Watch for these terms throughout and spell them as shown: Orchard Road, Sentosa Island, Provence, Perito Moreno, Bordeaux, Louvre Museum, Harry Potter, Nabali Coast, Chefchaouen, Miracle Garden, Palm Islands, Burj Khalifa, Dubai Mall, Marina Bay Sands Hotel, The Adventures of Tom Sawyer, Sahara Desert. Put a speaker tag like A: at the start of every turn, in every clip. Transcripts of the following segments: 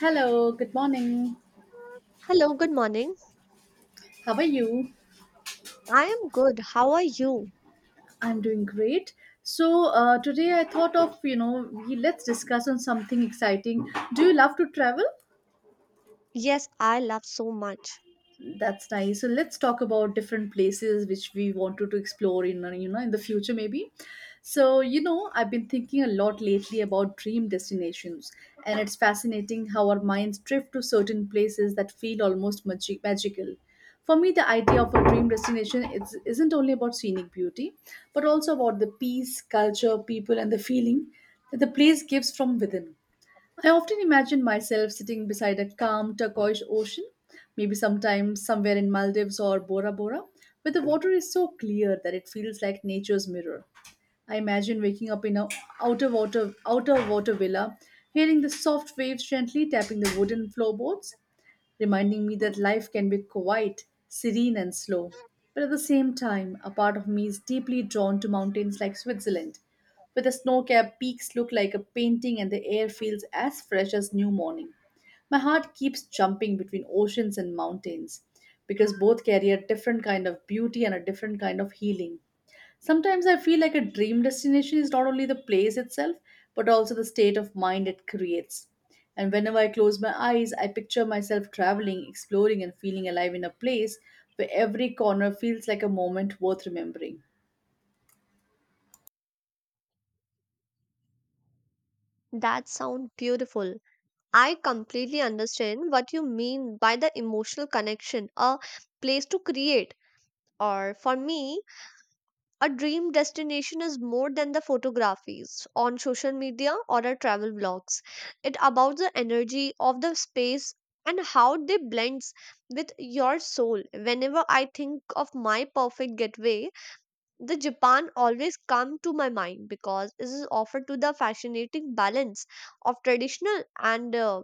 A: Hello, good morning.
B: Hello, good morning.
A: How are you?
B: I am good. How are you?
A: I'm doing great. So today I thought of we let's discuss on something exciting. Do you love to travel?
B: Yes, I love so much.
A: That's nice. So let's talk about different places which we wanted to explore in in the future maybe. I've been thinking a lot lately about dream destinations, and it's fascinating how our minds drift to certain places that feel almost magical. For me, the idea of a dream destination isn't only about scenic beauty, but also about the peace, culture, people, and the feeling that the place gives from within. I often imagine myself sitting beside a calm turquoise ocean, maybe sometimes somewhere in Maldives or Bora Bora, where the water is so clear that it feels like nature's mirror. I imagine waking up in a outer water villa, hearing the soft waves gently tapping the wooden floorboards reminding me that life can be quiet, serene, and slow. But at the same time, a part of me is deeply drawn to mountains like Switzerland, where the snow capped peaks look like a painting and the air feels as fresh as new morning. My heart keeps jumping between oceans and mountains because both carry a different kind of beauty and a different kind of healing. Sometimes I feel like a dream destination is not only the place itself, but also the state of mind it creates. And whenever I close my eyes, I picture myself traveling, exploring, and feeling alive in a place where every corner feels like a moment worth remembering.
B: That sounds beautiful. I completely understand what you mean by the emotional connection, a place to create. Or for me, a dream destination is more than the photographies on social media or the travel blogs. It about the energy of the space and how they blends with your soul. Whenever I think of my perfect getaway, the Japan always come to my mind because it is offered to the fascinating balance of traditional and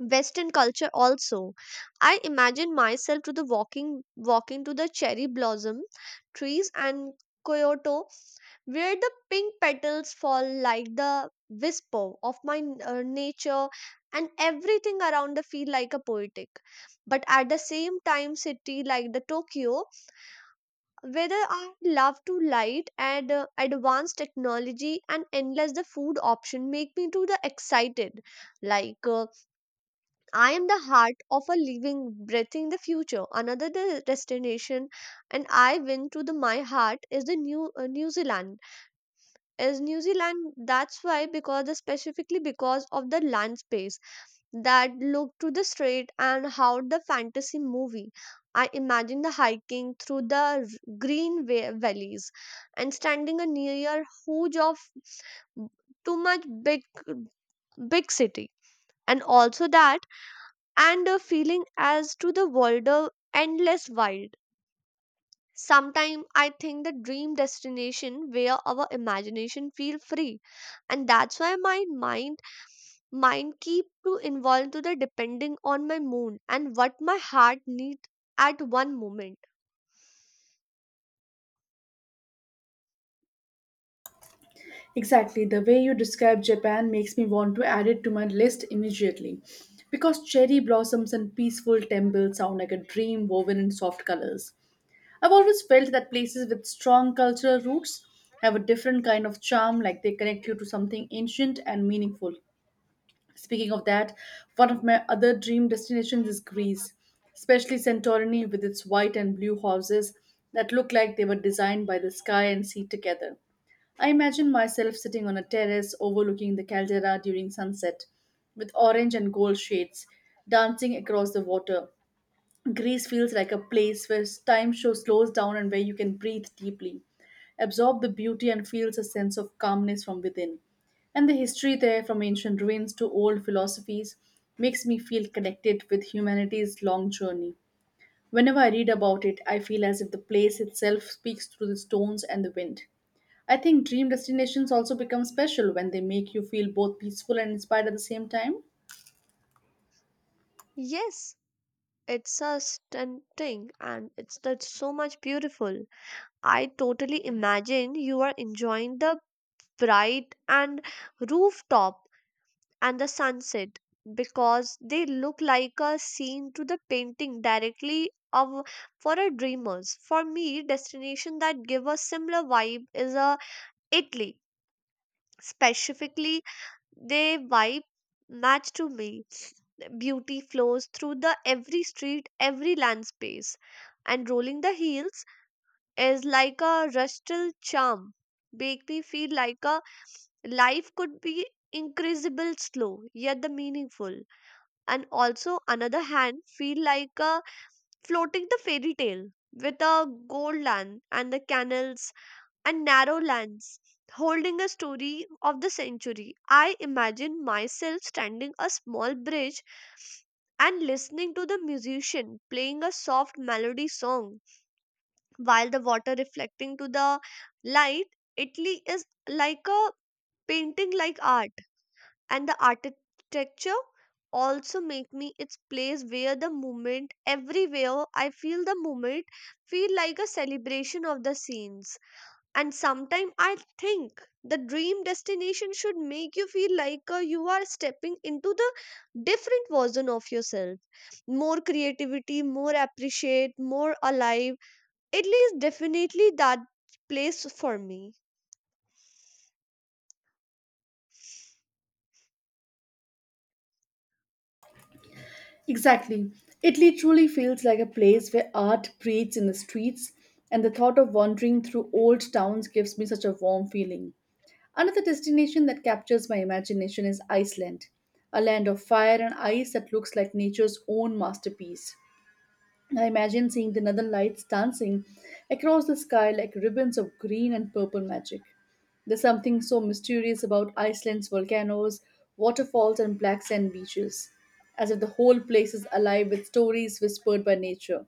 B: Western culture also. I imagine myself to the walking to the cherry blossom trees and Kyoto where the pink petals fall like the whisper of nature and everything around the feel like a poetic, but at the same time city like the Tokyo, whether I love to light and advanced technology and endless the food option make me to the excited like uh, I am the heart of a living breathing the future, another the destination. And I went to the my heart is the new New Zealand that's why, because the specifically because of the land space that look to the street and how the fantasy movie. I imagine the hiking through green valleys and standing near huge of too much big city and also that and a feeling as to the world of endless wild. Sometime I think the dream destination where our imagination feel free, and that's why my mind keep to involve to the depending on my mood and what my heart needs at one moment.
A: Exactly, the way you describe Japan makes me want to add it to my list immediately. Because cherry blossoms and peaceful temples sound like a dream woven in soft colors. I've always felt that places with strong cultural roots have a different kind of charm, like they connect you to something ancient and meaningful. Speaking of that, one of my other dream destinations is Greece, especially Santorini with its white and blue houses that look like they were designed by the sky and sea together. I imagine myself sitting on a terrace overlooking the caldera during sunset, with orange and gold shades dancing across the water. Greece feels like a place where time show slows down and where you can breathe deeply, absorb the beauty, and feels a sense of calmness from within. And the history there, from ancient ruins to old philosophies, makes me feel connected with humanity's long journey. Whenever I read about it, I feel as if the place itself speaks through the stones and the wind. I think dream destinations also become special when they make you feel both peaceful and inspired at the same time.
B: Yes, it's a stunting and it's that's so much beautiful. I totally imagine you are enjoying the bright and rooftop and the sunset because they look like a scene to the painting directly of for a dreamers. For me, destination that give a similar vibe is a Italy, specifically. They vibe match to me. Beauty flows through the every street, every land space, and rolling the heels is like a rustal charm. Make me feel like a life could be increasable slow yet the meaningful, and also another hand feel like a floating the fairy tale with a gold land and the canals and narrow lanes holding a story of the century. I imagine myself standing a small bridge and listening to the musician playing a soft melody song while the water reflecting to the light. Italy is like a painting like art and the architecture also make me its place where the moment everywhere I feel the moment feel like a celebration of the scenes. And sometimes I think the dream destination should make you feel like you are stepping into the different version of yourself. More creativity, more appreciate, more alive. At least, definitely that place for me.
A: Exactly. Italy truly feels like a place where art breathes in the streets, and the thought of wandering through old towns gives me such a warm feeling. Another destination that captures my imagination is Iceland, a land of fire and ice that looks like nature's own masterpiece. I imagine seeing the northern lights dancing across the sky like ribbons of green and purple magic. There's something so mysterious about Iceland's volcanoes, waterfalls, and black sand beaches, as if the whole place is alive with stories whispered by nature.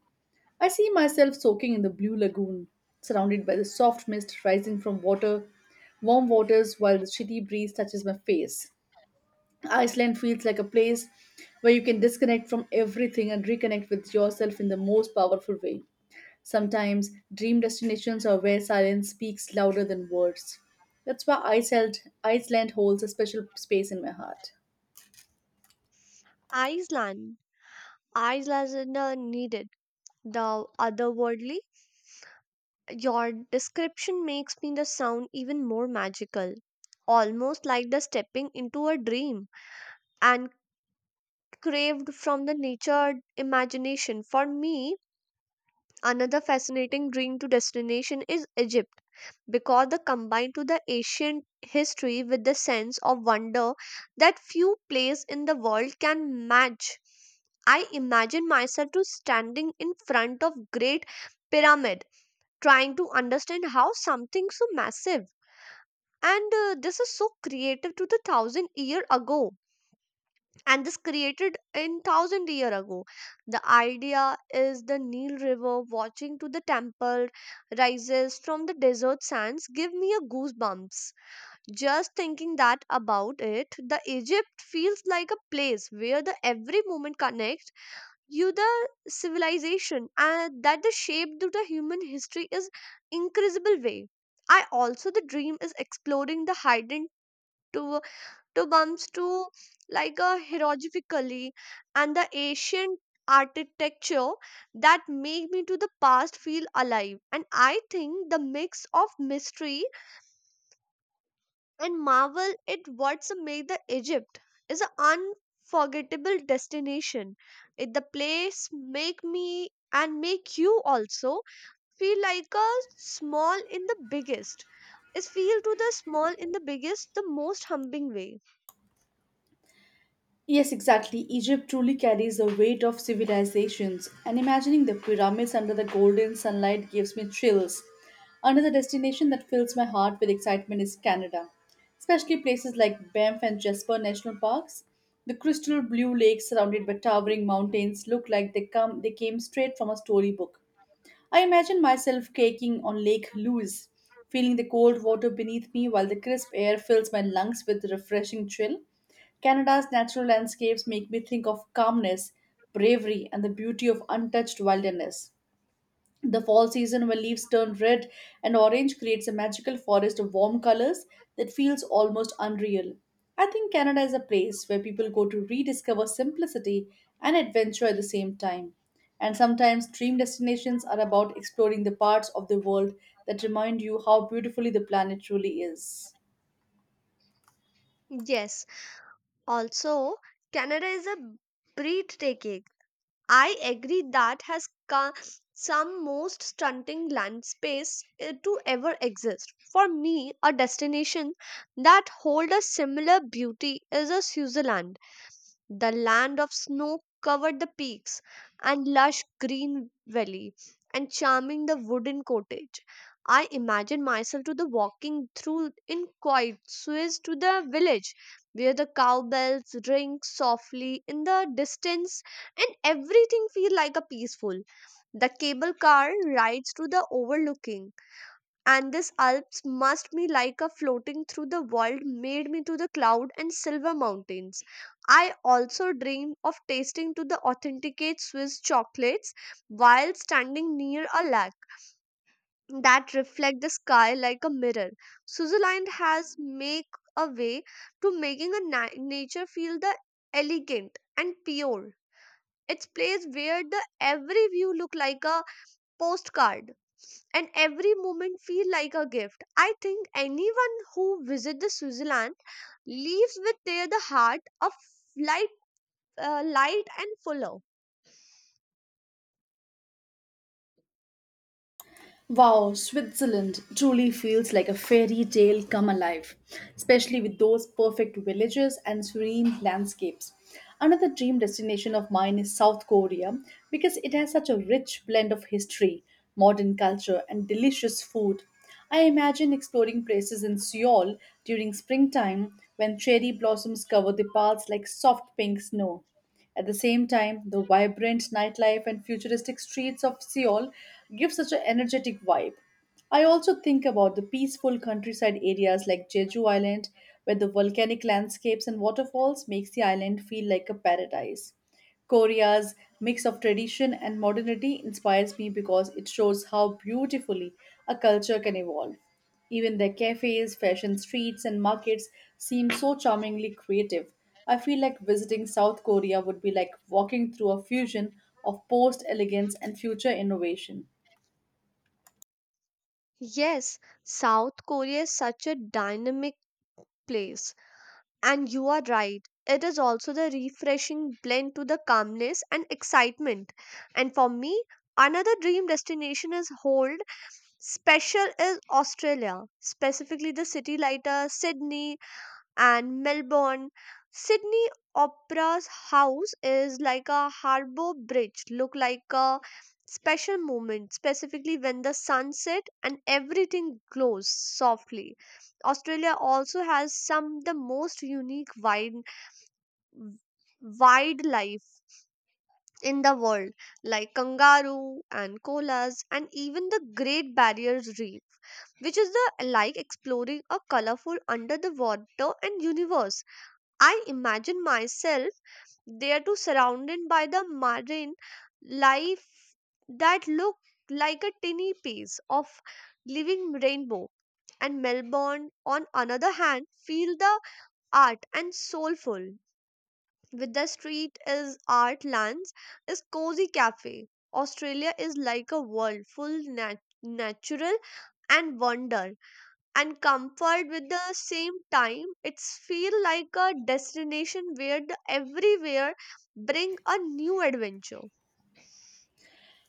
A: I see myself soaking in the blue lagoon, surrounded by the soft mist rising from warm waters, while the chilly breeze touches my face. Iceland feels like a place where you can disconnect from everything and reconnect with yourself in the most powerful way. Sometimes dream destinations are where silence speaks louder than words. That's why Iceland holds a special space in my heart.
B: Iceland. Iceland needed the otherworldly. Your description makes me the sound even more magical, almost like the stepping into a dream and craved from the nature imagination. For me, another fascinating dream to destination is Egypt because the combine to the ancient history with the sense of wonder that few places in the world can match. I imagine myself to standing in front of great pyramid, trying to understand how something so massive and this is so creative to the thousand year ago and this created in thousand year ago, the idea is the Nile river watching to the temple rises from the desert sands give me a goosebumps just thinking that about it. The Egypt feels like a place where the every moment connects you the civilization, and that the shape to the human history is incredible way. I also the dream is exploring the hidden to to bumps to like a hieroglyphically and the ancient architecture that make me to the past feel alive. And I think the mix of mystery and marvel at what's made the Egypt is an unforgettable destination. It the place make me and make you also feel like a small in the biggest is feel to the small in the biggest the most humbling way.
A: Yes, exactly. Egypt truly carries the weight of civilizations, and imagining the pyramids under the golden sunlight gives me chills. Another destination that fills my heart with excitement is Canada, especially places like Banff and Jasper National Parks. The crystal blue lakes surrounded by towering mountains look like they came straight from a storybook. I imagine myself caking on Lake Louise, feeling the cold water beneath me while the crisp air fills my lungs with a refreshing chill. Canada's natural landscapes make me think of calmness, bravery, and the beauty of untouched wilderness. The fall season, when leaves turn red and orange, creates a magical forest of warm colors that feels almost unreal. I think Canada is a place where people go to rediscover simplicity and adventure at the same time. And sometimes dream destinations are about exploring the parts of the world that remind you how beautifully the planet truly is.
B: Yes. Also, Canada is a breathtaking. I agree that has some most stunning landscapes to ever exist. For me, a destination that hold a similar beauty is a Switzerland, the land of snow covered the peaks and lush green valley and charming the wooden cottage. I imagine myself to the walking through in quiet swiss to the village where the cow bells ring softly in the distance and everything feel like a peaceful. The cable car rides to the overlooking and this Alps must be like a floating through the world made me to the cloud and silver mountains. I also dream of tasting to the authenticate Swiss chocolates while standing near a lake that reflect the sky like a mirror. Switzerland has make a way to making a nature feel the elegant and pure. It's place where the every view look like a postcard and every moment feel like a gift. I think anyone who visits the Switzerland leaves with their the heart of light, light and fuller.
A: Wow, Switzerland truly feels like a fairy tale come alive, especially with those perfect villages and serene landscapes. Another dream destination of mine is South Korea because it has such a rich blend of history, modern culture, and delicious food. I imagine exploring places in Seoul during springtime when cherry blossoms cover the paths like soft pink snow. At the same time, the vibrant nightlife and futuristic streets of Seoul give such an energetic vibe. I also think about the peaceful countryside areas like Jeju Island, where the volcanic landscapes and waterfalls makes the island feel like a paradise. Korea's mix of tradition and modernity inspires me because it shows how beautifully a culture can evolve. Even their cafes, fashion streets, and markets seem so charmingly creative. I feel like visiting South Korea would be like walking through a fusion of post elegance and future innovation.
B: Yes, South Korea is such a dynamic place, and you are right. It is also the refreshing blend to the calmness and excitement. And for me, another dream destination is Hold special is Australia, specifically the city lighter Sydney, and Melbourne. Sydney Opera's house is like a harbour bridge, look like a special moment, specifically when the sun sets and everything glows softly. Australia also has some the most unique wine wildlife in the world like kangaroo and koalas and even the great barrier reef, which is the like exploring a colorful under the water and universe. I imagine myself there too surrounded by the marine life that look like a tiny piece of living rainbow. And Melbourne, on another hand, feel the art and soulful, with the street is art lands, is cozy cafe. Australia is like a world full natural and wonder and comfort with the same time. It's feel like a destination where the everywhere bring a new adventure.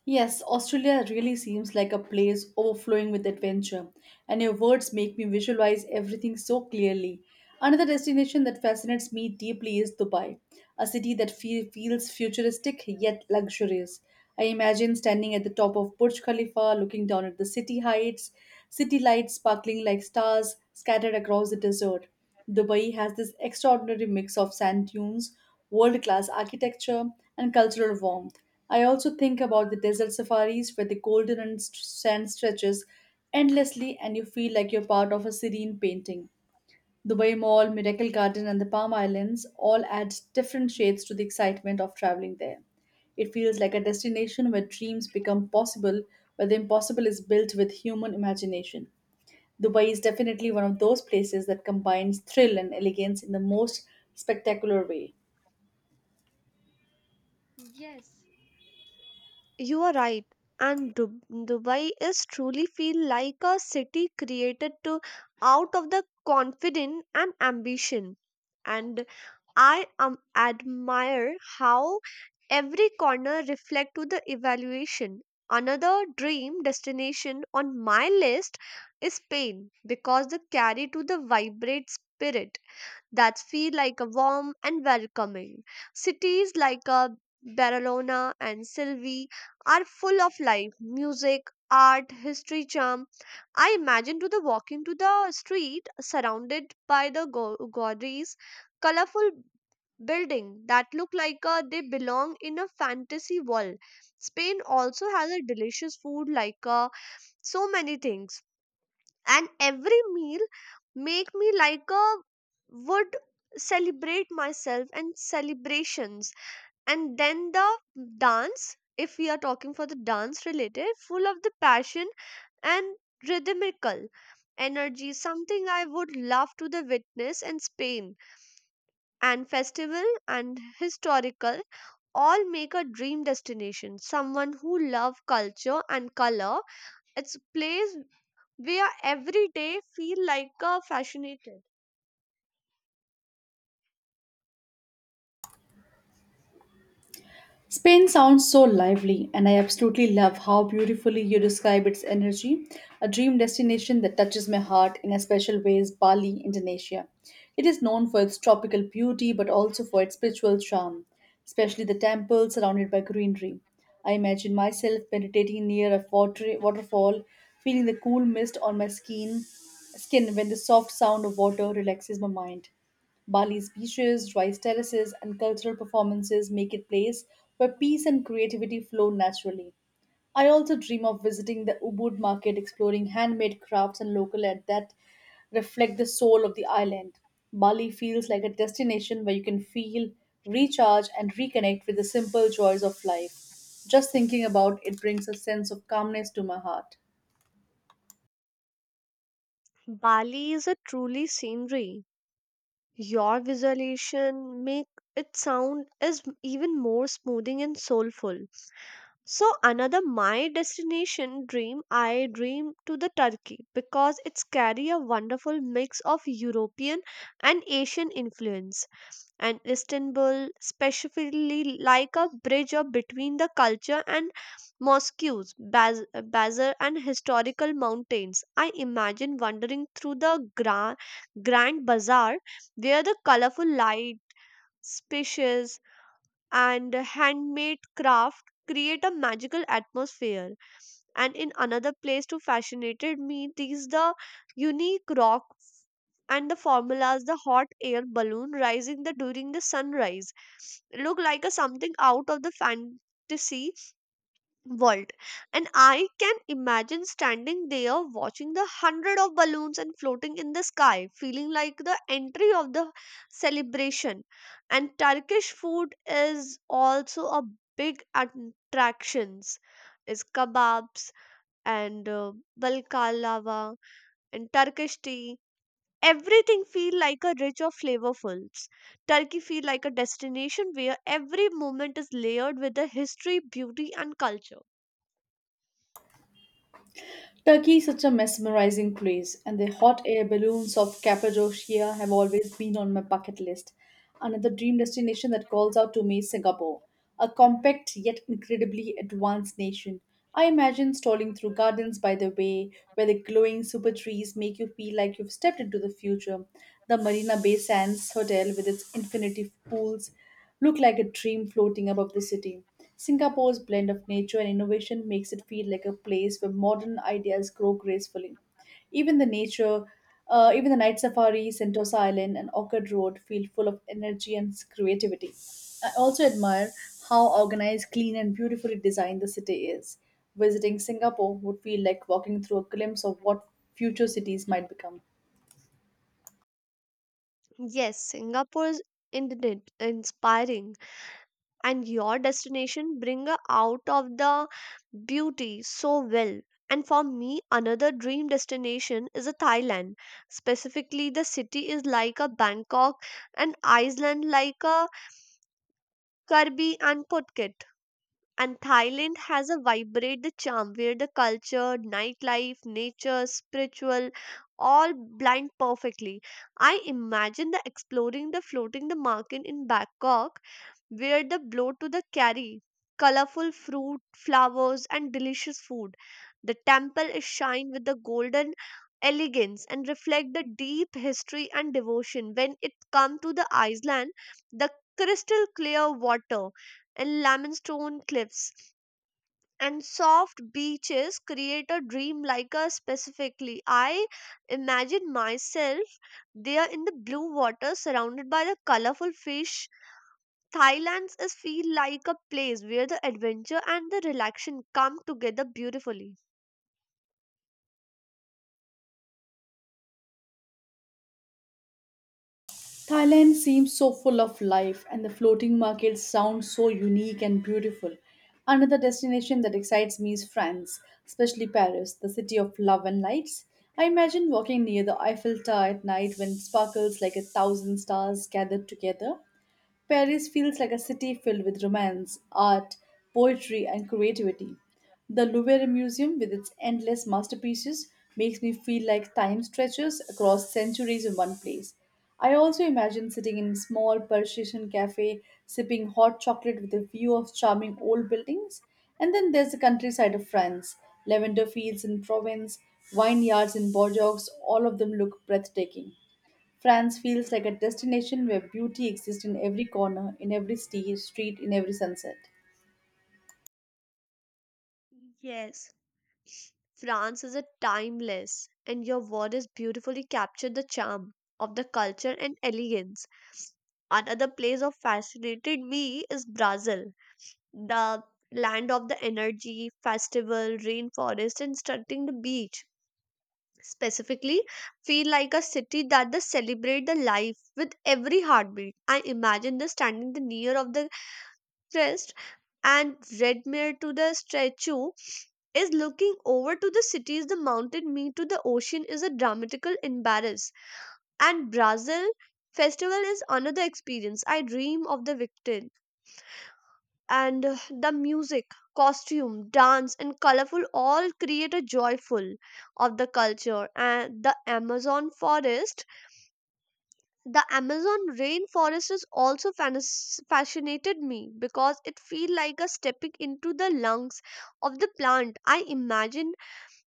A: Yes, Australia really seems like a place overflowing with adventure, and your words make me visualize everything so clearly. Another destination that fascinates me deeply is Dubai, a city that feels futuristic yet luxurious. I imagine standing at the top of Burj Khalifa, looking down at the city lights sparkling like stars scattered across the desert. Dubai has this extraordinary mix of sand dunes, world class architecture, and cultural warmth. I also think about the desert safaris where the golden and sand stretches endlessly and you feel like you're part of a serene painting. Dubai Mall, Miracle Garden, and the Palm Islands all add different shades to the excitement of traveling there. It feels like a destination where dreams become possible, where the impossible is built with human imagination. Dubai is definitely one of those places that combines thrill and elegance in the most spectacular way.
B: You are right. And Dubai is truly feel like a city created to out of the confidence and ambition. And I admire how every corner reflect to the evaluation. Another dream destination on my list is Spain because the carry to the vibrate spirit that feel like a warm and welcoming. Cities like Barcelona and Sylvie are full of life, music, art, history, charm. I imagine to the walking to the street surrounded by the galleries, colorful building that look like they belong in a fantasy world. Spain also has a delicious food like so many things, and every meal make me like a would celebrate myself and celebrations. And then the dance, if we are talking for the dance related full of the passion and rhythmical energy, something I would love to the witness in Spain. And festival and historical all make a dream destination someone who love culture and color. It's place where every day feel like a fascinated.
A: Spain sounds so lively, and I absolutely love how beautifully you describe its energy. A dream destination that touches my heart in a special way is Bali, Indonesia. It is known for its tropical beauty but also for its spiritual charm, especially the temples surrounded by greenery. I imagine myself meditating near a waterfall, feeling the cool mist on my skin when the soft sound of water relaxes my mind. Bali's beaches, rice terraces, and cultural performances make it a place where peace and creativity flow naturally. I also dream of visiting the Ubud market, exploring handmade crafts and local art that reflect the soul of the island. Bali feels like a destination where you can feel, recharge, and reconnect with the simple joys of life. Just thinking about it brings a sense of calmness to my heart.
B: Bali is a truly scenery. Your visualization make it sound is even more smoothing and soulful. So another my destination dream I dream to the Turkey because it's carry a wonderful mix of European and Asian influence. And Istanbul, specifically like a bridge of between the culture and mosques, bazaar, and historical mountains. I imagine wandering through the gra- grand bazaar where the colorful light, spacious and handmade craft create a magical atmosphere. And in another place too fascinated me these the unique rocks and the formulas the hot air balloon rising the during the sunrise look like a something out of the fantasy world. And I can imagine standing there watching the hundred of balloons and floating in the sky feeling like the entry of the celebration. And turkish food is also a big attractions, is kebabs and balkalava and turkish tea. Everything feel like a rich of flavorfuls. Turkey feel like a destination where every moment is layered with the history beauty and culture.
A: Turkey is such a mesmerizing place, and the hot air balloons of Cappadocia have always been on my bucket list. Another dream destination that calls out to me is Singapore, a compact yet incredibly advanced nation. I imagine strolling through gardens by the way, where the glowing super trees make you feel like you've stepped into the future. The Marina Bay Sands Hotel, with its infinity pools, look like a dream floating above the city. Singapore's blend of nature and innovation makes it feel like a place where modern ideas grow gracefully. Even the even the night safari, Sentosa Island, and Orchard Road feel full of energy and creativity. I also admire how organized, clean, and beautifully designed the city is. Visiting Singapore would feel like walking through a glimpse of what future cities might become.
B: Yes, Singapore is indeed inspiring, and your destination bring a out of the beauty so well. And for me, another dream destination is a Thailand. Specifically, the city is like a Bangkok, and Iceland like a Kirby and Phuket. And Thailand has a vibrate the charm where the culture, nightlife, nature, spiritual all blend perfectly. I imagine the exploring the floating the market in Bangkok were the blow to the carry. Colorful fruit, flowers, and delicious food. The temple is shined with the golden elegance and reflect the deep history and devotion. When it come to the island, the crystal clear water and limestone cliffs and soft beaches create a dream like a specifically. I imagine myself there in the blue water surrounded by the colorful fish. Thailand's is feel like a place where the adventure and the relaxation come together beautifully.
A: Thailand seems so full of life, and the floating market sounds so unique and beautiful. Another destination that excites me is France, especially Paris, the city of love and lights. I imagine walking near the Eiffel Tower at night when it sparkles like a thousand stars gathered together. Paris feels like a city filled with romance, art, poetry, and creativity. The Louvre Museum, with its endless masterpieces, makes me feel like time stretches across centuries in one place. I also imagine sitting in a small Parisian cafe, sipping hot chocolate with a view of charming old buildings. And then there's the countryside of France lavender fields in Provence, vineyards in Bordeaux, all of them look breathtaking. France feels like a destination where beauty exists in every corner, in every street, in every sunset.
B: Yes. France is a timeless, and your word is beautifully captured the charm of the culture and elegance. Another place of fascinated me is Brazil, the land of the energy, festival, rainforest, and stunning the beach. Specifically feel like a city that does celebrate the life with every heartbeat. I imagine the standing the near of the crest and red mirror to the statue is looking over to the cities, the mountain meet to the ocean is a dramatical embarrass. And brazil festival is another experience I dream of the victor, and the music, costume dance and colorful all create a joyful of the culture. And the amazon forest, the amazon rainforest is also fascinated me because it feel like a stepping into the lungs of the plant. I imagine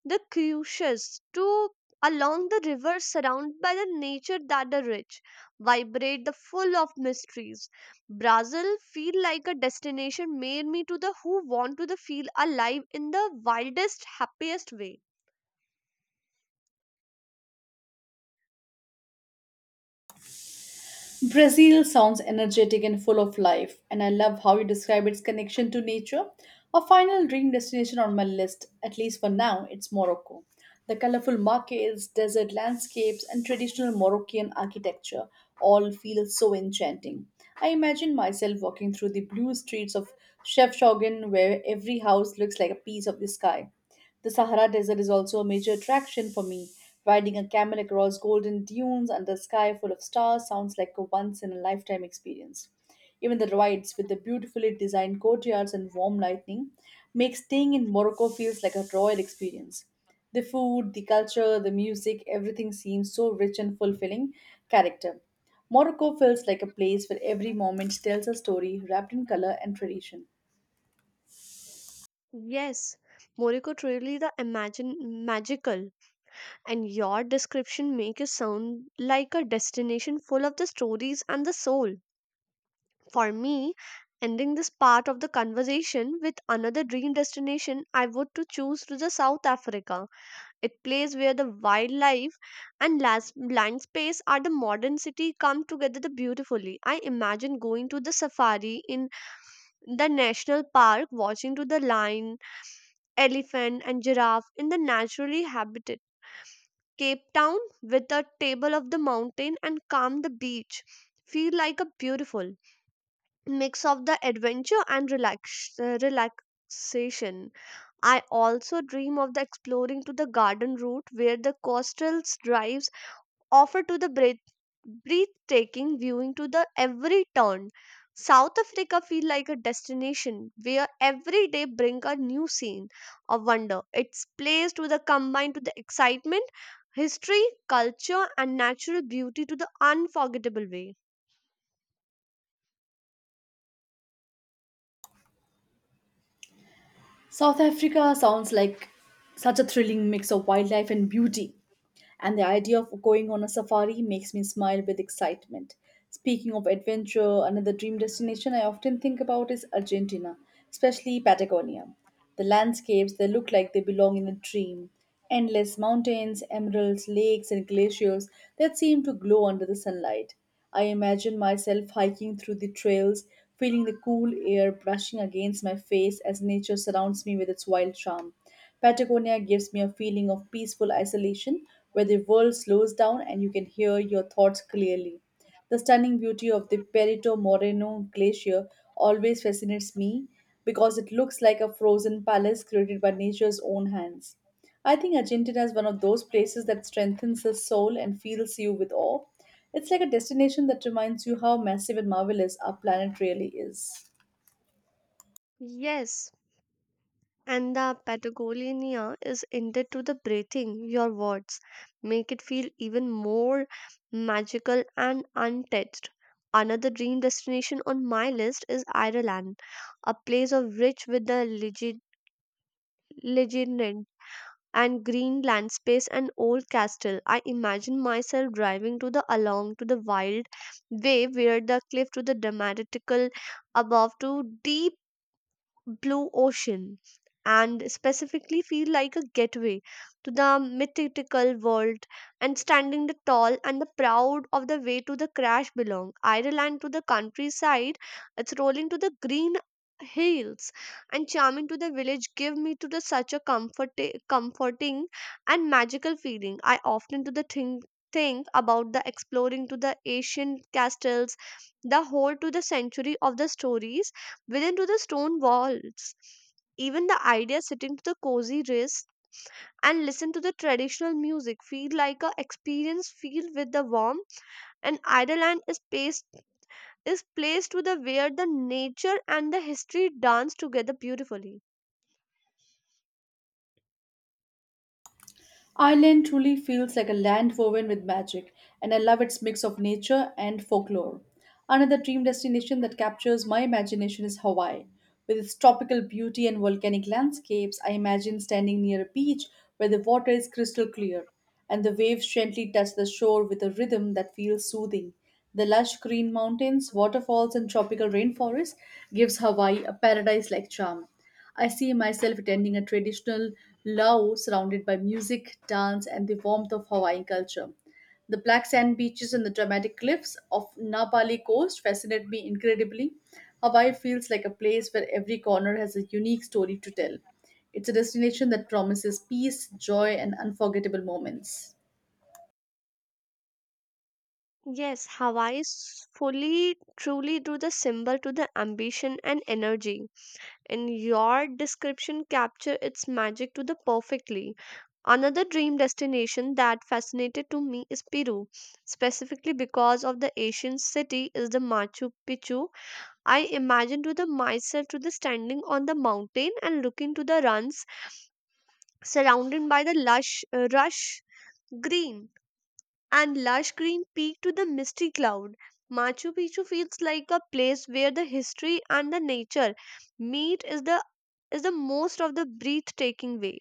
B: the cruises to along the river surrounded by the nature that are rich, vibrate, the full of mysteries. Brazil feel like a destination made me to the who want to the feel alive in the wildest, happiest way.
A: Brazil sounds energetic and full of life, and I love how you describe its connection to nature. A final dream destination on my list, at least for now, it's Morocco. The colorful markets, desert landscapes, and traditional Moroccan architecture all feel so enchanting. I imagine myself walking through the blue streets of Chefchaouen, where every house looks like a piece of the sky. The Sahara Desert is also a major attraction for me. Riding a camel across golden dunes under a sky full of stars sounds like a once in a lifetime experience. Even the rides with the beautifully designed courtyards and warm lighting make staying in Morocco feels like a royal experience. The food, the culture, the music, everything seems so rich and fulfilling character. Morocco feels like a place where every moment tells a story wrapped in color and tradition.
B: Yes, morocco truly the imagine magical, and your description make it sound like a destination full of the stories and the soul. For me, ending this part of the conversation with another dream destination, I would to choose to the South Africa. It place where the wildlife and land space are the modern city come together the beautifully. I imagine going to the safari in the national park, watching to the lion, elephant, and giraffe in the naturally habitat. Cape Town with a table of the mountain and calm the beach. Feel like a beautiful mix of the adventure and relaxation. I also dream of the exploring to the garden route where the coastal drives offer to the breathtaking viewing to the every turn. South Africa feel like a destination where every day bring a new scene of wonder. Its place to the combine to the excitement, history, culture and natural beauty to the unforgettable way.
A: South Africa sounds like such a thrilling mix of wildlife and beauty, and the idea of going on a safari makes me smile with excitement. Speaking of adventure, another dream destination I often think about is Argentina, especially Patagonia. The landscapes, they look like they belong in a dream. Endless mountains, emeralds, lakes, and glaciers that seem to glow under the sunlight. I imagine myself hiking through the trails, feeling the cool air brushing against my face as nature surrounds me with its wild charm. Patagonia gives me a feeling of peaceful isolation where the world slows down and you can hear your thoughts clearly. The stunning beauty of the Perito Moreno glacier always fascinates me because it looks like a frozen palace created by nature's own hands. I think Argentina is one of those places that strengthens the soul and fills you with awe. It's like a destination that reminds you how massive and marvelous our planet really is.
B: Yes. And the Patagonia is ended to the breathing. Your words make it feel even more magical and untouched. Another dream destination on my list is Ireland, a place of rich with the legend and green landscapes and old castle. I imagine myself driving to the along to the wild way where the cliff to the dramatical above to deep blue ocean and specifically feel like a gateway to the mythical world and standing the tall and the proud of the way to the crash belong ireland to the countryside. It's rolling to the green hills and charming to the village give me to the such a comforting and magical feeling. I often to the think about the exploring to the ancient castles, the whole to the century of the stories within to the stone walls. Even the idea sitting to the cozy rest and listen to the traditional music feel like a experience filled with the warmth. And Ireland is placed to the where the nature and the history dance together beautifully.
A: Ireland truly feels like a land woven with magic, and I love its mix of nature and folklore. Another dream destination that captures my imagination is Hawaii. With its tropical beauty and volcanic landscapes, I imagine standing near a beach where the water is crystal clear and the waves gently touch the shore with a rhythm that feels soothing. The lush green mountains, waterfalls, and tropical rainforest gives Hawaii a paradise-like charm. I see myself attending a traditional luau surrounded by music, dance, and the warmth of Hawaiian culture. The black sand beaches and the dramatic cliffs of Nabali Coast fascinate me incredibly. Hawaii feels like a place where every corner has a unique story to tell. It's a destination that promises peace, joy, and unforgettable moments.
B: Yes, Hawaii is fully, truly to the symbol to the ambition and energy. And your description capture its magic to the perfectly. Another dream destination that fascinated to me is Peru, specifically because of the Asian city is the Machu Picchu. I imagine to the myself to the standing on the mountain and looking to the runs surrounded by the lush rush green and lush green peak to the misty cloud. Machu Picchu feels like a place where the history and the nature meet is the most of the breathtaking way.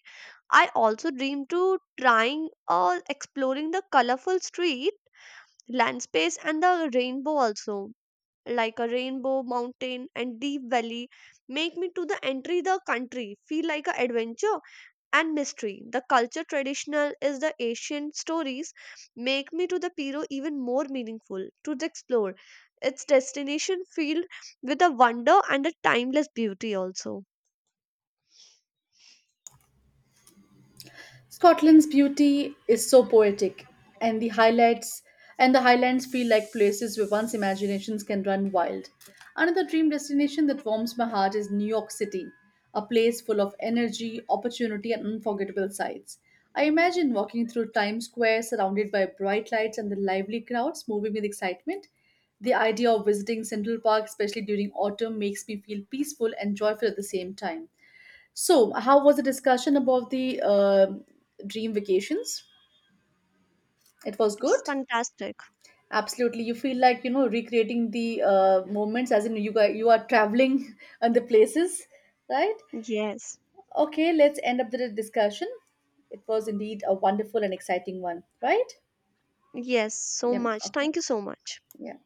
B: I also dream to trying or exploring the colorful street landscapes and the rainbow also, like a rainbow mountain and deep valley, make me to the entry the country feel like a adventure and mystery. The culture traditional is the Asian stories make me to the Piro even more meaningful to the explore. Its destination filled with a wonder and a timeless beauty also.
A: Scotland's beauty is so poetic, and the highlights and the highlands feel like places where one's imaginations can run wild. Another dream destination that warms my heart is New York City, a place full of energy, opportunity, and unforgettable sights. I imagine walking through Times Square surrounded by bright lights and the lively crowds moving with excitement. The idea of visiting Central Park, especially during autumn, makes me feel peaceful and joyful at the same time. So, how was the discussion about the dream vacations? It was
B: It's
A: good.
B: fantastic.
A: Absolutely, you feel like recreating the moments, as in you guys, you are traveling and the places, right?
B: Yes.
A: Okay, let's end up the discussion. It was indeed a wonderful and exciting one, right?
B: Yes, so
A: Yeah.
B: much.
A: Okay.
B: Thank you so much.
A: Yeah. Well.